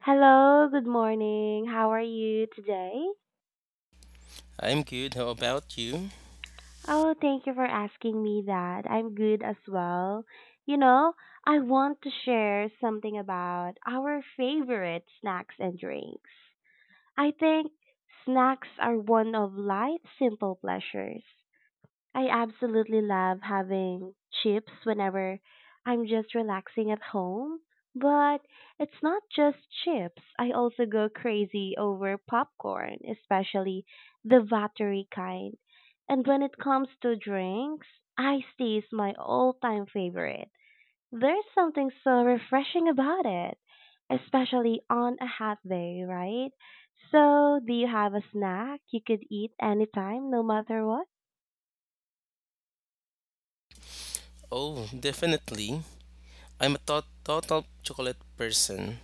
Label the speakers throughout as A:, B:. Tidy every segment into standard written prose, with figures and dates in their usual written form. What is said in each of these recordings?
A: Hello, good morning. How are you today?
B: I'm good. How about you?
A: Oh, thank you for asking me that. I'm good as well. You know, I want to share something about our favorite snacks and drinks. I think snacks are one of life's simple pleasures. I absolutely love having chips whenever I'm just relaxing at home. But it's not just chips. I also go crazy over popcorn, especially the watery kind. And when it comes to drinks, iced tea is my all-time favorite. There's something so refreshing about it, especially on a hot day, right? So, do you have a snack you could eat anytime, no matter what?
B: Oh, definitely. I'm a total chocolate person.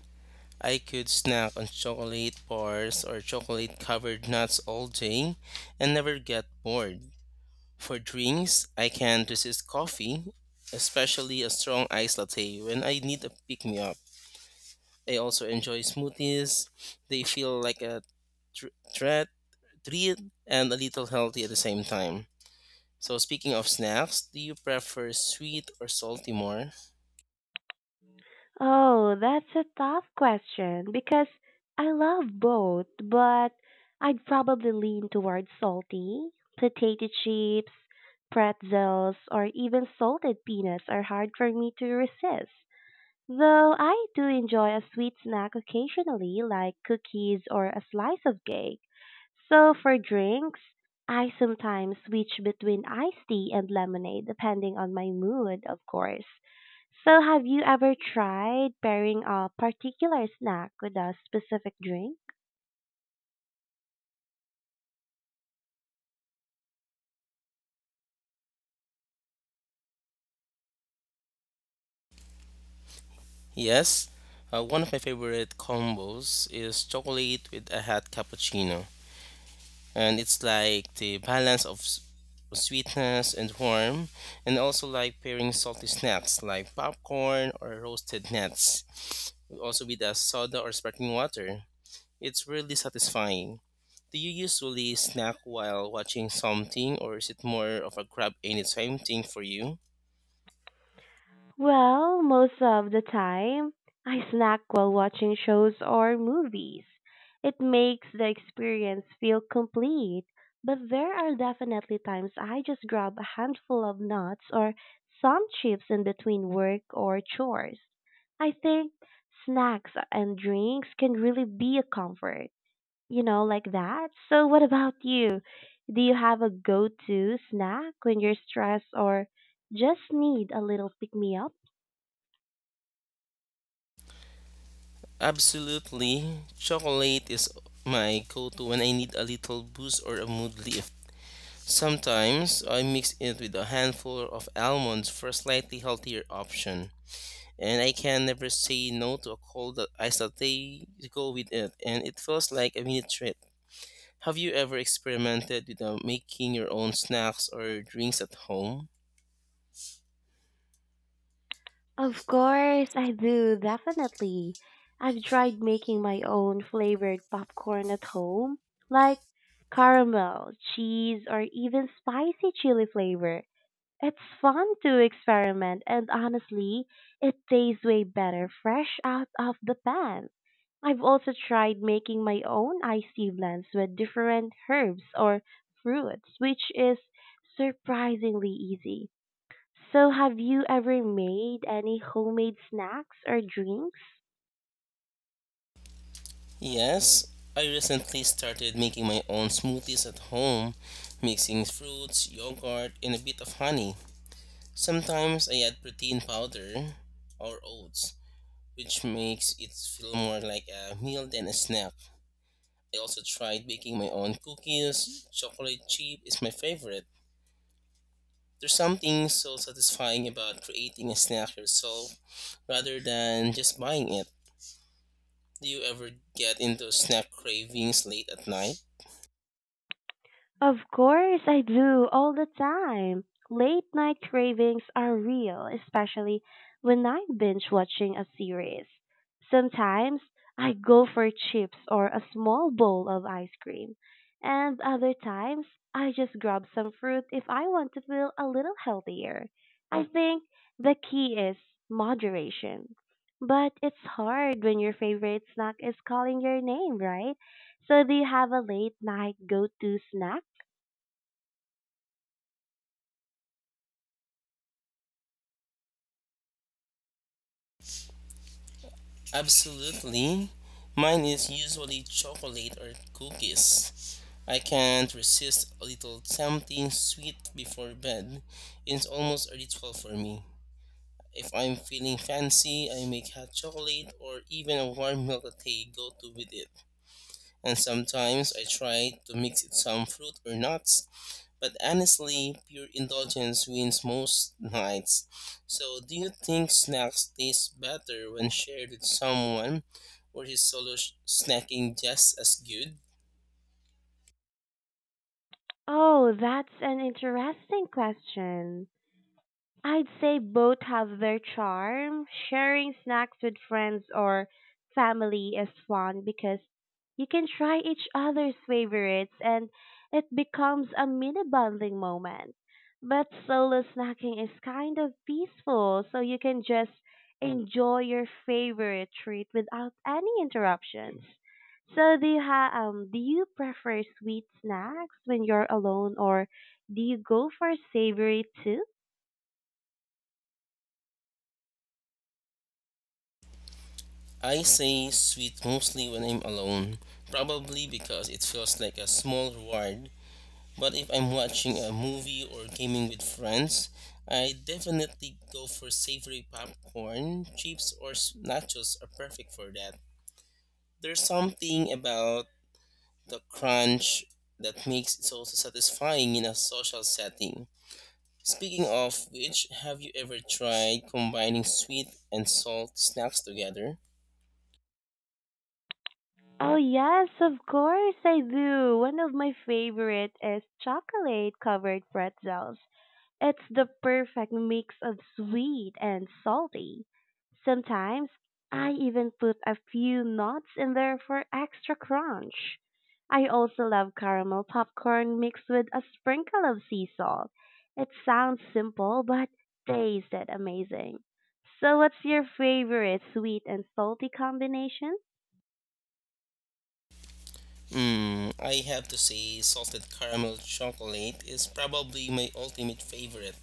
B: I could snack on chocolate bars or chocolate covered nuts all day and never get bored. For drinks, I can't resist coffee, especially a strong iced latte when I need a pick me up. I also enjoy smoothies. They feel like a tr- treat, treat and a little healthy at the same time. So speaking of snacks, do you prefer sweet or salty more?
A: Oh, that's a tough question because I love both, but I'd probably lean toward salty. Potato chips, pretzels, or even salted peanuts are hard for me to resist. Though I do enjoy a sweet snack occasionally, like cookies or a slice of cake. So for drinks, I sometimes switch between iced tea and lemonade depending on my mood, of course. So have you ever tried pairing a particular snack with a specific drink?
B: Yes, one of my favorite combos is chocolate with a hot cappuccino, and it's like the balance of sweetness and warm, and also like pairing salty snacks like popcorn or roasted nuts, also with a soda or sparkling water. It's really satisfying. Do you usually snack while watching something, or is it more of a grab anytime thing for you?
A: Well, most of the time, I snack while watching shows or movies. It makes the experience feel complete, but there are definitely times I just grab a handful of nuts or some chips in between work or chores. I think snacks and drinks can really be a comfort, you know, like that. So, what about you? Do you have a go to snack when you're stressed or just need a little pick me up?
B: Absolutely. Chocolate is my go to when I need a little boost or a mood lift. Sometimes I mix it with a handful of almonds for a slightly healthier option. And I can never say no to a cold iced latte to go with it, and it feels like a mini treat. Have you ever experimented with making your own snacks or drinks at home?
A: Of course I do, definitely. I've tried making my own flavored popcorn at home, like caramel, cheese, or even spicy chili flavor. It's fun to experiment, and honestly, it tastes way better fresh out of the pan. I've also tried making my own iced tea blends with different herbs or fruits, which is surprisingly easy. So have you ever made any homemade snacks or drinks?
B: Yes, I recently started making my own smoothies at home, mixing fruits, yogurt, and a bit of honey. Sometimes I add protein powder or oats, which makes it feel more like a meal than a snack. I also tried baking my own cookies. Chocolate chip is my favorite. There's something so satisfying about creating a snack yourself rather than just buying it. Do you ever get into snack cravings late at night?
A: Of course I do all the time. Late night cravings are real, especially when I'm binge watching a series. Sometimes I go for chips or a small bowl of ice cream, and other times I just grab some fruit if I want to feel a little healthier. I think the key is moderation. But it's hard when your favorite snack is calling your name, right? So do you have a late night go-to snack?
B: Absolutely. Mine is usually chocolate or cookies. I can't resist a little tempting sweet before bed. It's almost a ritual for me. If I'm feeling fancy, I make hot chocolate or even a warm milk latte go to with it, and sometimes I try to mix it some fruit or nuts. But honestly, pure indulgence wins most nights. So, do you think snacks taste better when shared with someone, or is solo snacking just as good?
A: Oh, that's an interesting question. I'd say both have their charm. Sharing snacks with friends or family is fun because you can try each other's favorites and it becomes a mini bonding moment. But solo snacking is kind of peaceful, so you can just enjoy your favorite treat without any interruptions. So do you prefer sweet snacks when you're alone or do you go for savory too?
B: I say sweet mostly when I'm alone, probably because it feels like a small reward. But if I'm watching a movie or gaming with friends, I definitely go for savory popcorn. Chips or nachos are perfect for that. There's something about the crunch that makes it so satisfying in a social setting. Speaking of which, have you ever tried combining sweet and salt snacks together?
A: Oh yes, of course I do. One of my favorite is chocolate covered pretzels. It's the perfect mix of sweet and salty. Sometimes I even put a few nuts in there for extra crunch. I also love caramel popcorn mixed with a sprinkle of sea salt. It sounds simple but tasted amazing. So what's your favorite sweet and salty combination?
B: Mm, I have to say, salted caramel chocolate is probably my ultimate favorite,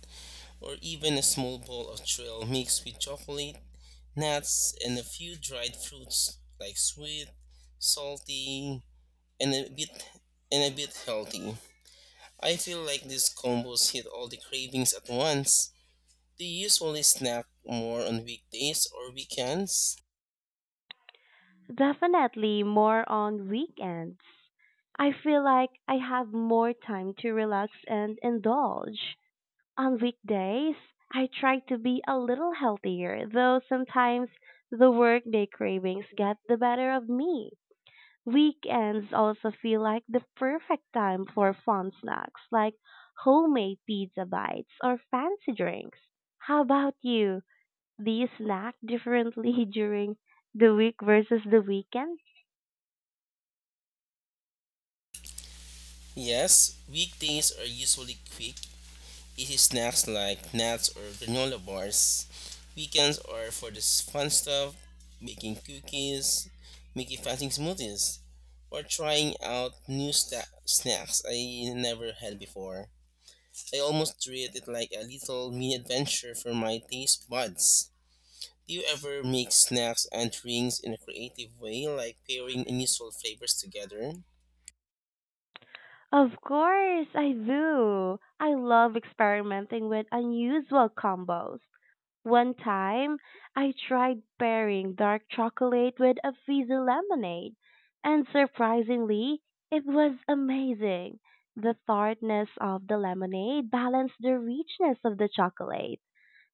B: or even a small bowl of trail mixed with chocolate, nuts, and a few dried fruits, like sweet, salty, and a bit and a bit healthy. I feel like these combos hit all the cravings at once. Do you usually snack more on weekdays or weekends?
A: Definitely more on weekends. I feel like I have more time to relax and indulge. On weekdays, I try to be a little healthier, though sometimes the workday cravings get the better of me. Weekends also feel like the perfect time for fun snacks like homemade pizza bites or fancy drinks. How about you? Do you snack differently during the week versus the weekend?
B: Yes, weekdays are usually quick, easy snacks like nuts or granola bars. Weekends are for this fun stuff, making cookies, making fasting smoothies, or trying out new snacks I never had before. I almost treat it like a little mini adventure for my taste buds. Do you ever make snacks and drinks in a creative way, like pairing unusual flavors together?
A: Of course, I do. I love experimenting with unusual combos. One time, I tried pairing dark chocolate with a fizzy lemonade, and surprisingly, it was amazing. The tartness of the lemonade balanced the richness of the chocolate.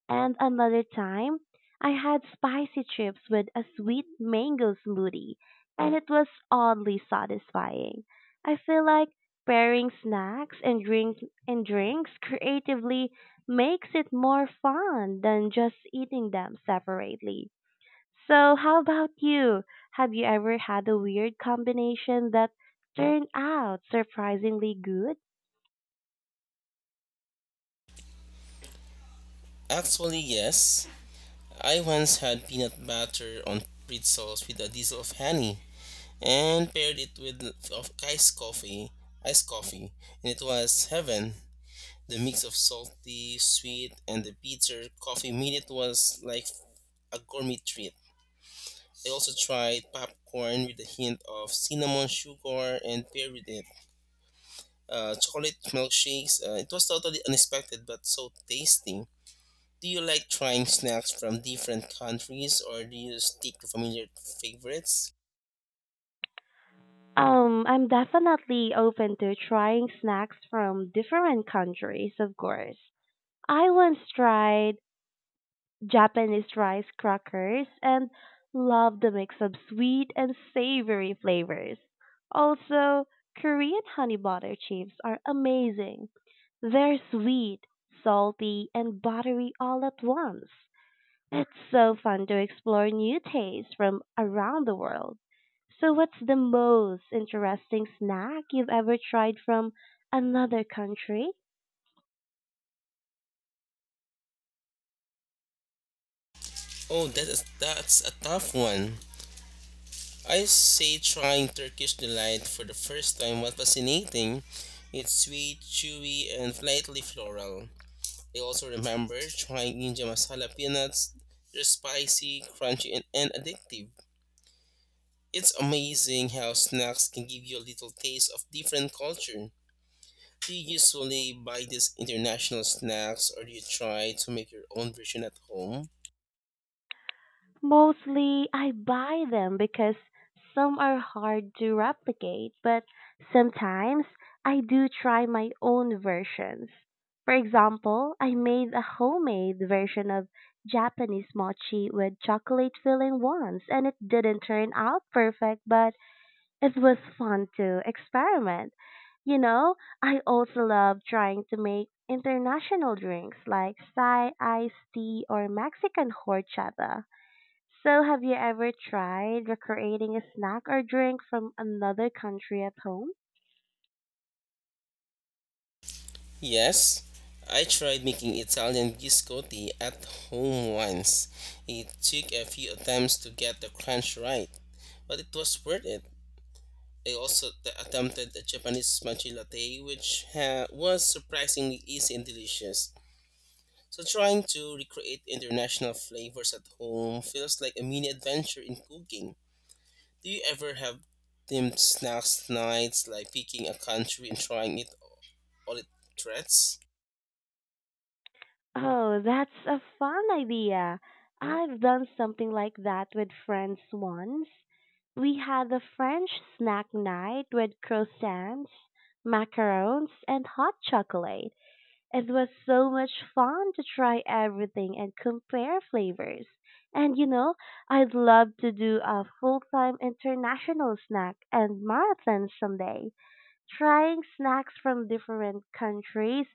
A: And another time I had spicy chips with a sweet mango smoothie, and it was oddly satisfying. I feel like pairing snacks and drinks creatively makes it more fun than just eating them separately. So how about you? Have you ever had a weird combination that turned out surprisingly good?
B: Actually, yes. I once had peanut butter on pretzels with a drizzle of honey and paired it with of iced coffee, iced coffee, and it was heaven. The mix of salty, sweet, and the bitter coffee made it was like a gourmet treat. I also tried popcorn with a hint of cinnamon sugar and paired with it. Chocolate milkshakes. It was totally unexpected but so tasty. Do you like trying snacks from different countries or do you stick to familiar favorites?
A: I'm definitely open to trying snacks from different countries, of course. I once tried Japanese rice crackers and loved the mix of sweet and savory flavors. Also, Korean honey butter chips are amazing. They're sweet, salty, and buttery all at once. It's so fun to explore new tastes from around the world. So, what's the most interesting snack you've ever tried from another country?
B: That's a tough one. I say trying Turkish delight for the first time was fascinating. It's sweet, chewy, and slightly floral. I also remember trying Ninja Masala peanuts. They're spicy, crunchy, and addictive. It's amazing how snacks can give you a little taste of different culture. Do you usually buy these international snacks or do you try to make your own version at home?
A: Mostly, I buy them because some are hard to replicate, but sometimes I do try my own versions. For example, I made a homemade version of Japanese mochi with chocolate filling once, and it didn't turn out perfect, but it was fun to experiment. You know, I also love trying to make international drinks like Thai iced tea or Mexican horchata. So, have you ever tried recreating a snack or drink from another country at home?
B: Yes, I tried making Italian biscotti at home once. It took a few attempts to get the crunch right, but it was worth it. I also attempted the Japanese matcha latte, which was surprisingly easy and delicious. So, trying to recreate international flavors at home feels like a mini adventure in cooking. Do you ever have themed snacks nights, like picking a country and trying it all its threats?
A: Oh, that's a fun idea. I've done something like that with friends once. We had a French snack night with croissants, macarons, and hot chocolate. It was so much fun to try everything and compare flavors. And you know, I'd love to do a full-time international snack and marathon someday, trying snacks from different countries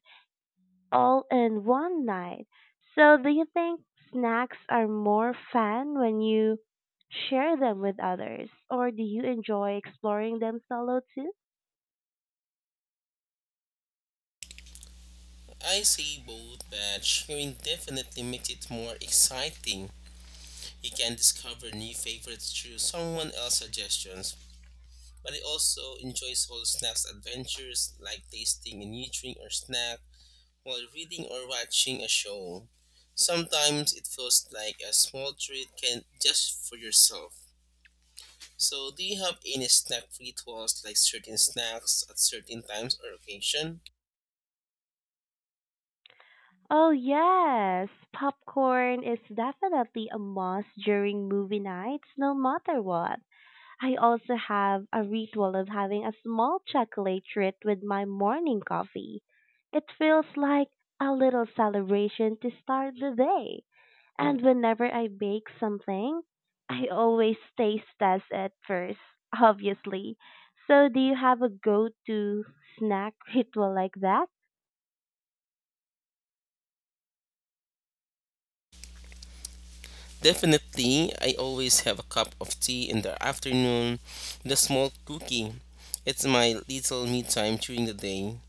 A: all in one night. So, do you think snacks are more fun when you share them with others, or do you enjoy exploring them solo too?
B: I say both, but sharing definitely makes it more exciting. You can discover new favorites through someone else's suggestions. But I also enjoy solo snacks adventures like tasting a new drink or snack while reading or watching a show. Sometimes it feels like a small treat can just for yourself. So, do you have any snack rituals like certain snacks at certain times or occasion?
A: Oh, yes. Popcorn is definitely a must during movie nights, no matter what. I also have a ritual of having a small chocolate treat with my morning coffee. It feels like a little celebration to start the day. And whenever I bake something, I always taste test it first, obviously. So, do you have a go to snack ritual like that?
B: Definitely, I always have a cup of tea in the afternoon, with a small cookie. It's my little me time during the day.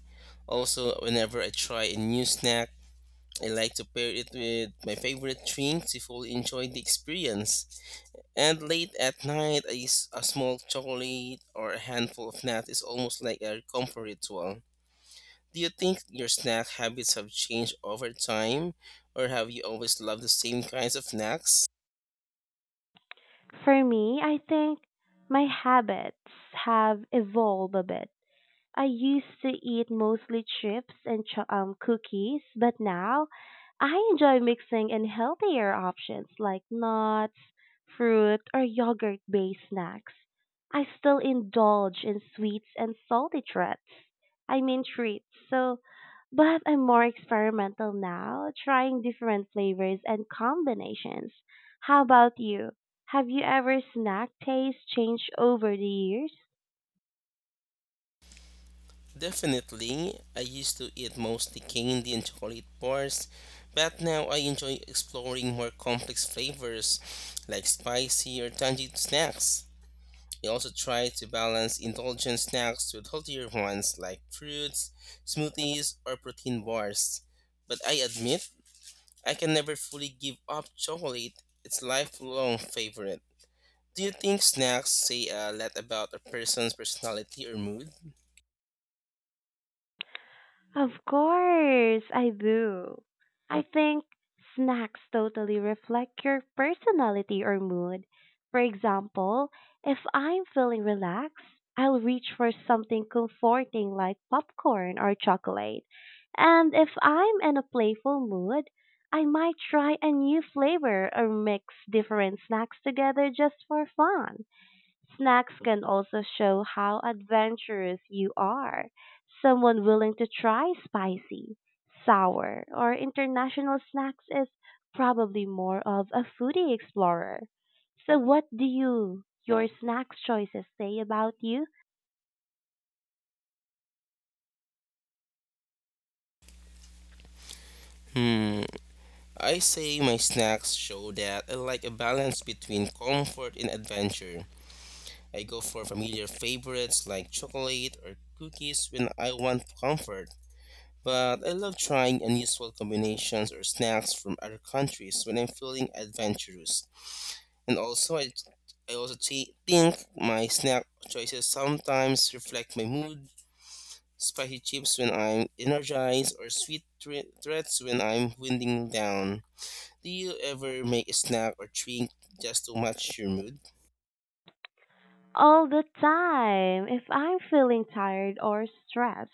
B: Also, whenever I try a new snack, I like to pair it with my favorite drink to fully enjoy the experience. And late at night, a small chocolate or a handful of nuts is almost like a comfort ritual. Do you think your snack habits have changed over time, or have you always loved the same kinds of snacks?
A: For me, I think my habits have evolved a bit. I used to eat mostly cookies, but now I enjoy mixing in healthier options like nuts, fruit, or yogurt based snacks. I still indulge in sweets and salty treats. I mean treats. So but I'm more experimental now, trying different flavors and combinations. How about you? Have you ever snack taste changed over the years?
B: Definitely, I used to eat mostly candy and chocolate bars, but now I enjoy exploring more complex flavors like spicy or tangy snacks. I also try to balance indulgent snacks with healthier ones like fruits, smoothies, or protein bars. But I admit, I can never fully give up chocolate. It's lifelong favorite. Do you think snacks say a lot about a person's personality or mood?
A: Of course, I do. I think snacks totally reflect your personality or mood. For example, if I'm feeling relaxed, I'll reach for something comforting like popcorn or chocolate. And if I'm in a playful mood, I might try a new flavor or mix different snacks together just for fun. Snacks can also show how adventurous you are. Someone willing to try spicy, sour, or international snacks is probably more of a foodie explorer. So what do you your snacks choices say about you?
B: Hmm, I say my snacks show that I like a balance between comfort and adventure. I go for familiar favorites like chocolate or cookies when I want comfort. But I love trying unusual combinations or snacks from other countries when I'm feeling adventurous. And also, I also think my snack choices sometimes reflect my mood, spicy chips when I'm energized, or sweet threats when I'm winding down. Do you ever make a snack or treat just to match your mood?
A: All the time. If I'm feeling tired or stressed,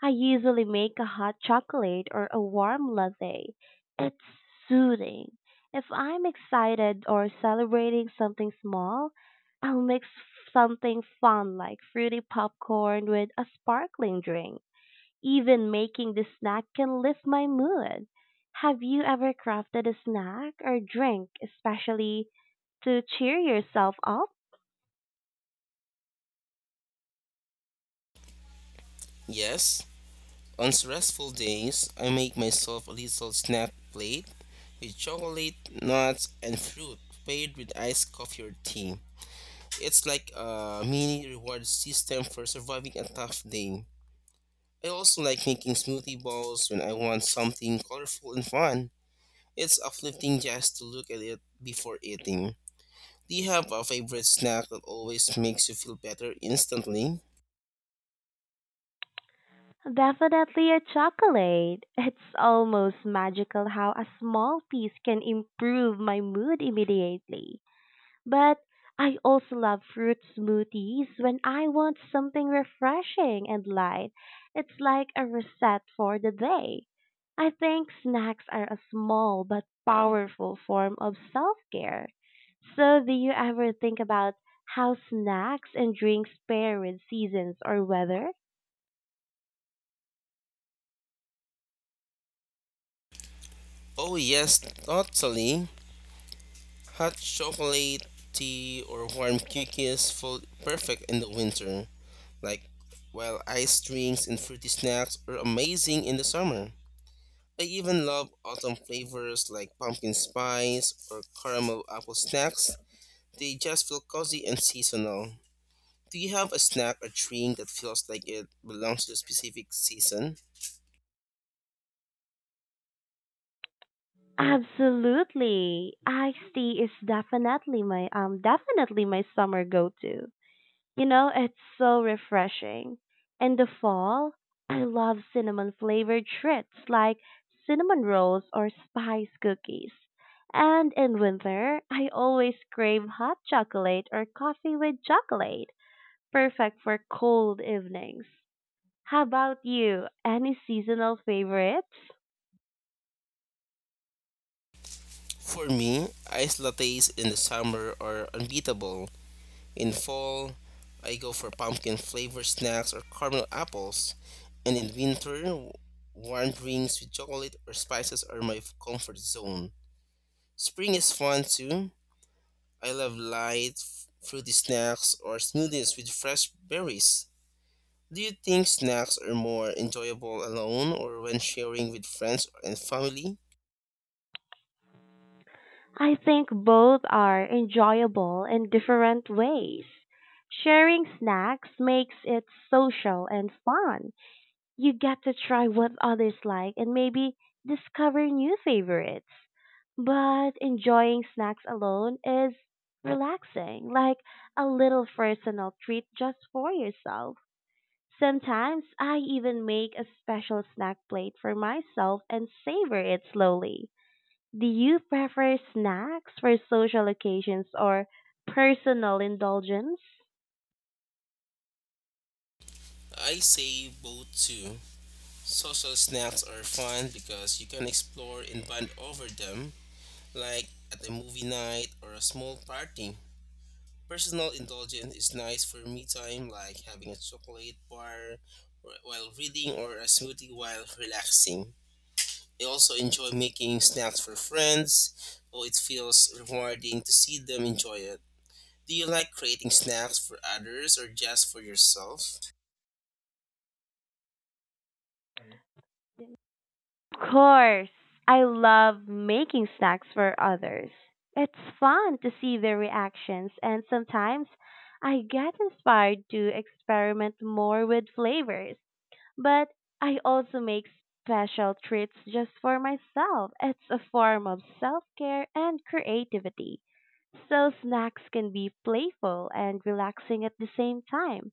A: I usually make a hot chocolate or a warm latte. It's soothing. If I'm excited or celebrating something small, I'll mix something fun like fruity popcorn with a sparkling drink. Even making the snack can lift my mood. Have you ever crafted a snack or drink especially to cheer yourself up?
B: Yes. On stressful days, I make myself a little snack plate with chocolate, nuts, and fruit paired with iced coffee or tea. It's like a mini reward system for surviving a tough day. I also like making smoothie balls when I want something colorful and fun. It's uplifting just to look at it before eating. Do you have a favorite snack that always makes you feel better instantly?
A: Definitely a chocolate. It's almost magical how a small piece can improve my mood immediately. But I also love fruit smoothies when I want something refreshing and light. It's like a reset for the day. I think snacks are a small but powerful form of self care. So, do you ever think about how snacks and drinks pair with seasons or weather?
B: Oh, yes, totally. Hot chocolate, tea, or warm cookies fall perfect in the winter. Like, while ice drinks and fruity snacks are amazing in the summer. I even love autumn flavors like pumpkin spice or caramel apple snacks. They just feel cozy and seasonal. Do you have a snack or drink that feels like it belongs to a specific season?
A: Absolutely. Iced tea is definitely my summer go-to. You know, it's so refreshing. In the fall, I love cinnamon flavored treats like cinnamon rolls or spice cookies. And in winter, I always crave hot chocolate or coffee with chocolate, perfect for cold evenings. How about you? Any seasonal favorites?
B: For me, iced lattes in the summer are unbeatable. In fall, I go for pumpkin flavored snacks or caramel apples. And in winter, warm drinks with chocolate or spices are my comfort zone. Spring is fun too. I love light, fruity snacks or smoothies with fresh berries. Do you think snacks are more enjoyable alone or when sharing with friends and family?
A: I think both are enjoyable in different ways. Sharing snacks makes it social and fun. You get to try what others like and maybe discover new favorites. But enjoying snacks alone is relaxing, like a little personal treat just for yourself. Sometimes I even make a special snack plate for myself and savor it slowly. Do you prefer snacks for social occasions or personal indulgence?
B: I say both too. Social snacks are fun because you can explore and bond over them, like at a movie night or a small party. Personal indulgence is nice for me time, like having a chocolate bar while reading or a smoothie while relaxing. I also enjoy making snacks for friends, so it feels rewarding to see them enjoy it. Do you like creating snacks for others or just for yourself?
A: Of course, I love making snacks for others. It's fun to see their reactions, and sometimes I get inspired to experiment more with flavors. But I also make special treats just for myself. It's a form of self care and creativity. So snacks can be playful and relaxing at the same time.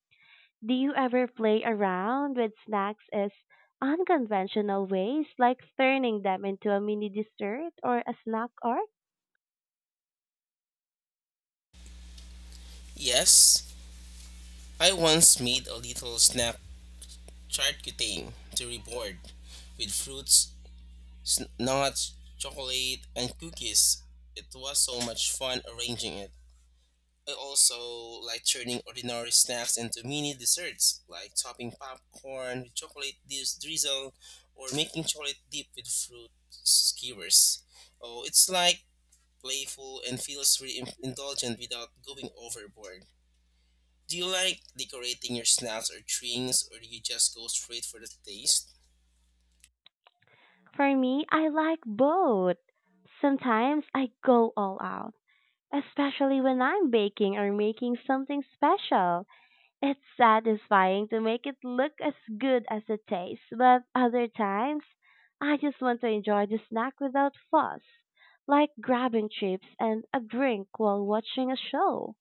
A: Do you ever play around with snacks as unconventional ways, like turning them into a mini dessert or a snack art?
B: Yes, I once made a little snack charcuterie board with fruits, nuts, chocolate, and cookies. It was so much fun arranging it. I also like turning ordinary snacks into mini desserts, like topping popcorn with chocolate drizzle or making chocolate dip with fruit skewers. Oh, it's like playful, and feels indulgent without going overboard. Do you like decorating your snacks or drinks, or do you just go straight for the taste?
A: For me, I like both. Sometimes I go all out, especially when I'm baking or making something special. It's satisfying to make it look as good as it tastes, but other times I just want to enjoy the snack without fuss, like grabbing chips and a drink while watching a show.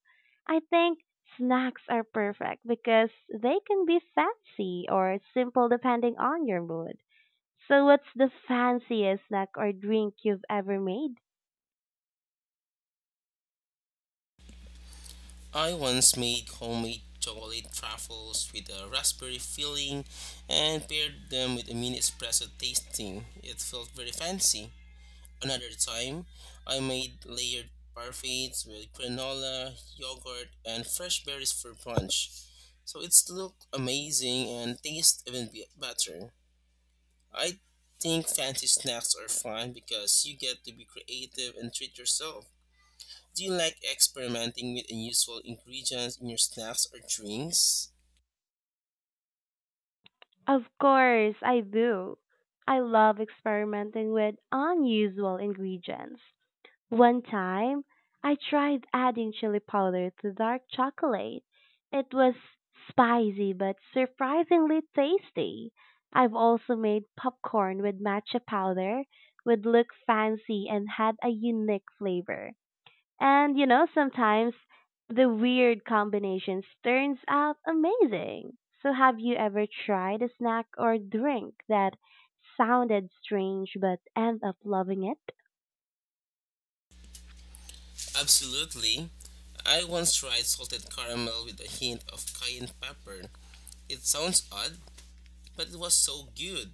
A: I think snacks are perfect because they can be fancy or simple depending on your mood. So, what's the fanciest snack or drink you've ever made?
B: I once made homemade chocolate truffles with a raspberry filling and paired them with a mini espresso tasting. It felt very fancy. Another time, I made layered parfaits with granola, yogurt, and fresh berries for brunch. So it's look amazing and taste even better. I think fancy snacks are fun because you get to be creative and treat yourself. Do you like experimenting with unusual ingredients in your snacks or drinks?
A: Of course, I do. I love experimenting with unusual ingredients. One time, I tried adding chili powder to dark chocolate. It was spicy but surprisingly tasty. I've also made popcorn with matcha powder, would look fancy and had a unique flavor. And you know, sometimes the weird combinations turns out amazing. So have you ever tried a snack or drink that sounded strange but end up loving it?
B: Absolutely. I once tried salted caramel with a hint of cayenne pepper. It sounds odd, but it was so good.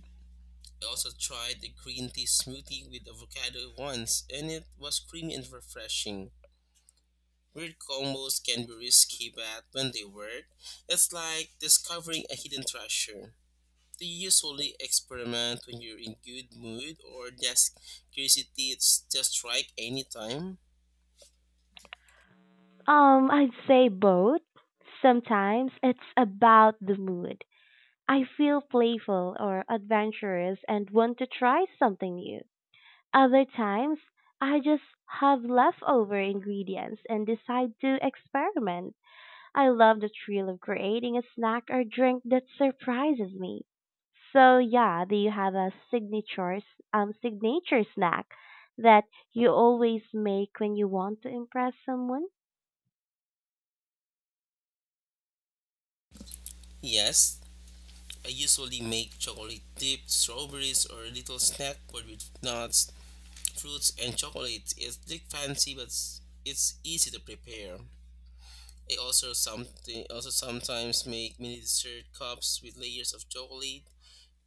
B: I also tried the green tea smoothie with avocado once, and it was creamy and refreshing. Weird combos can be risky, but when they work, it's like discovering a hidden treasure. Do you usually experiment when you're in good mood or just curiosity it's just strike anytime?
A: I'd say both. Sometimes it's about the mood. I feel playful or adventurous and want to try something new. Other times, I just have leftover ingredients and decide to experiment. I love the thrill of creating a snack or drink that surprises me. So yeah, do you have a signature snack that you always make when you want to impress someone?
B: Yes, I usually make chocolate dipped strawberries or a little snack board with nuts, fruits, and chocolate. It's big fancy, but it's easy to prepare. I also something also sometimes make mini dessert cups with layers of chocolate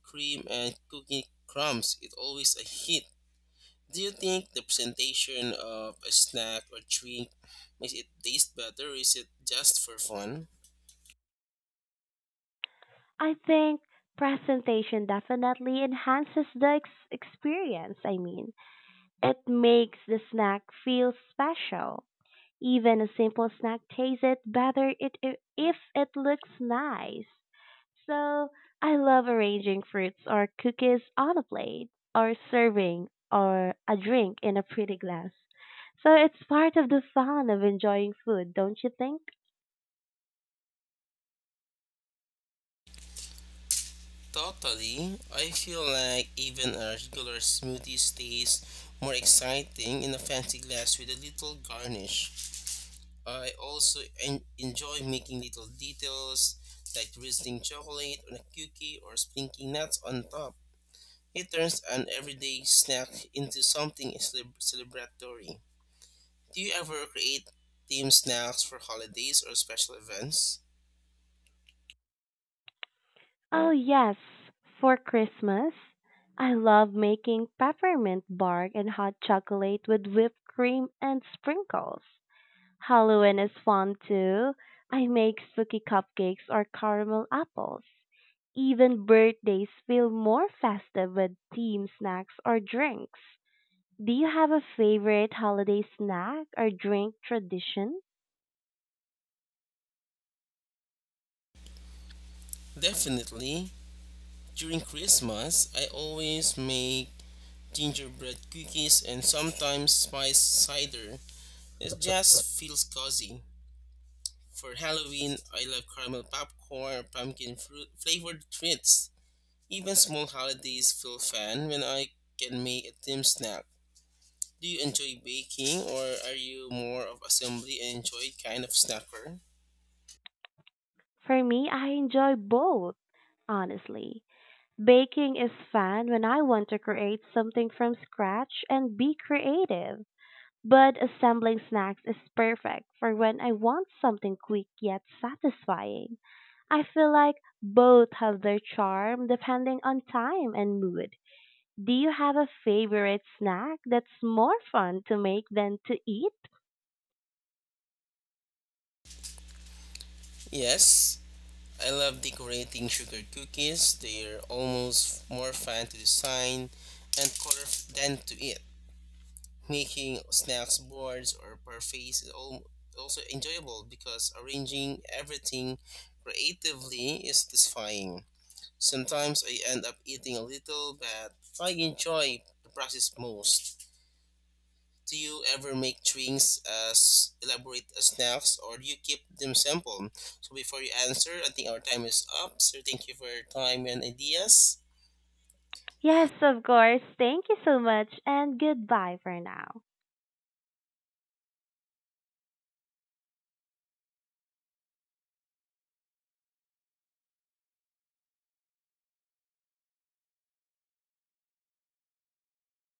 B: cream and cookie crumbs. It's always a hit. Do you think the presentation of a snack or drink makes it taste better or is it just for fun?
A: I think presentation definitely enhances the experience. I mean, it makes the snack feel special. Even a simple snack tastes it better it, I- if it looks nice. So, I love arranging fruits or cookies on a plate or serving or a drink in a pretty glass. So, it's part of the fun of enjoying food, don't you think?
B: Totally. I feel like even a regular smoothie stays more exciting in a fancy glass with a little garnish. I also enjoy making little details like drizzling chocolate on a cookie or sprinkling nuts on top. It turns an everyday snack into something celebratory. Do you ever create themed snacks for holidays or special events?
A: Oh, yes, for Christmas. I love making peppermint bark and hot chocolate with whipped cream and sprinkles. Halloween is fun too. I make spooky cupcakes or caramel apples. Even birthdays feel more festive with themed snacks or drinks. Do you have a favorite holiday snack or drink tradition?
B: Definitely. During Christmas, I always make gingerbread cookies and sometimes spice cider. It just feels cozy. For Halloween, I love caramel popcorn, pumpkin fruit flavored treats. Even small holidays feel fun when I can make a themed snack. Do you enjoy baking or are you more of assembly and enjoy kind of snacker?
A: For me, I enjoy both, honestly. Baking is fun when I want to create something from scratch and be creative, but assembling snacks is perfect for when I want something quick yet satisfying. I feel like both have their charm depending on time and mood. Do you have a favorite snack that's more fun to make than to eat?
B: Yes, I love decorating sugar cookies. They're almost more fun to design and color than to eat. Making snacks boards or parfaits is also enjoyable because arranging everything creatively is satisfying. Sometimes I end up eating a little, but I enjoy the process most. Do you ever make drinks as elaborate as snacks, or do you keep them simple? So before you answer, I think our time is up. So thank you for your time and ideas.
A: Yes, of course. Thank you so much and goodbye for now.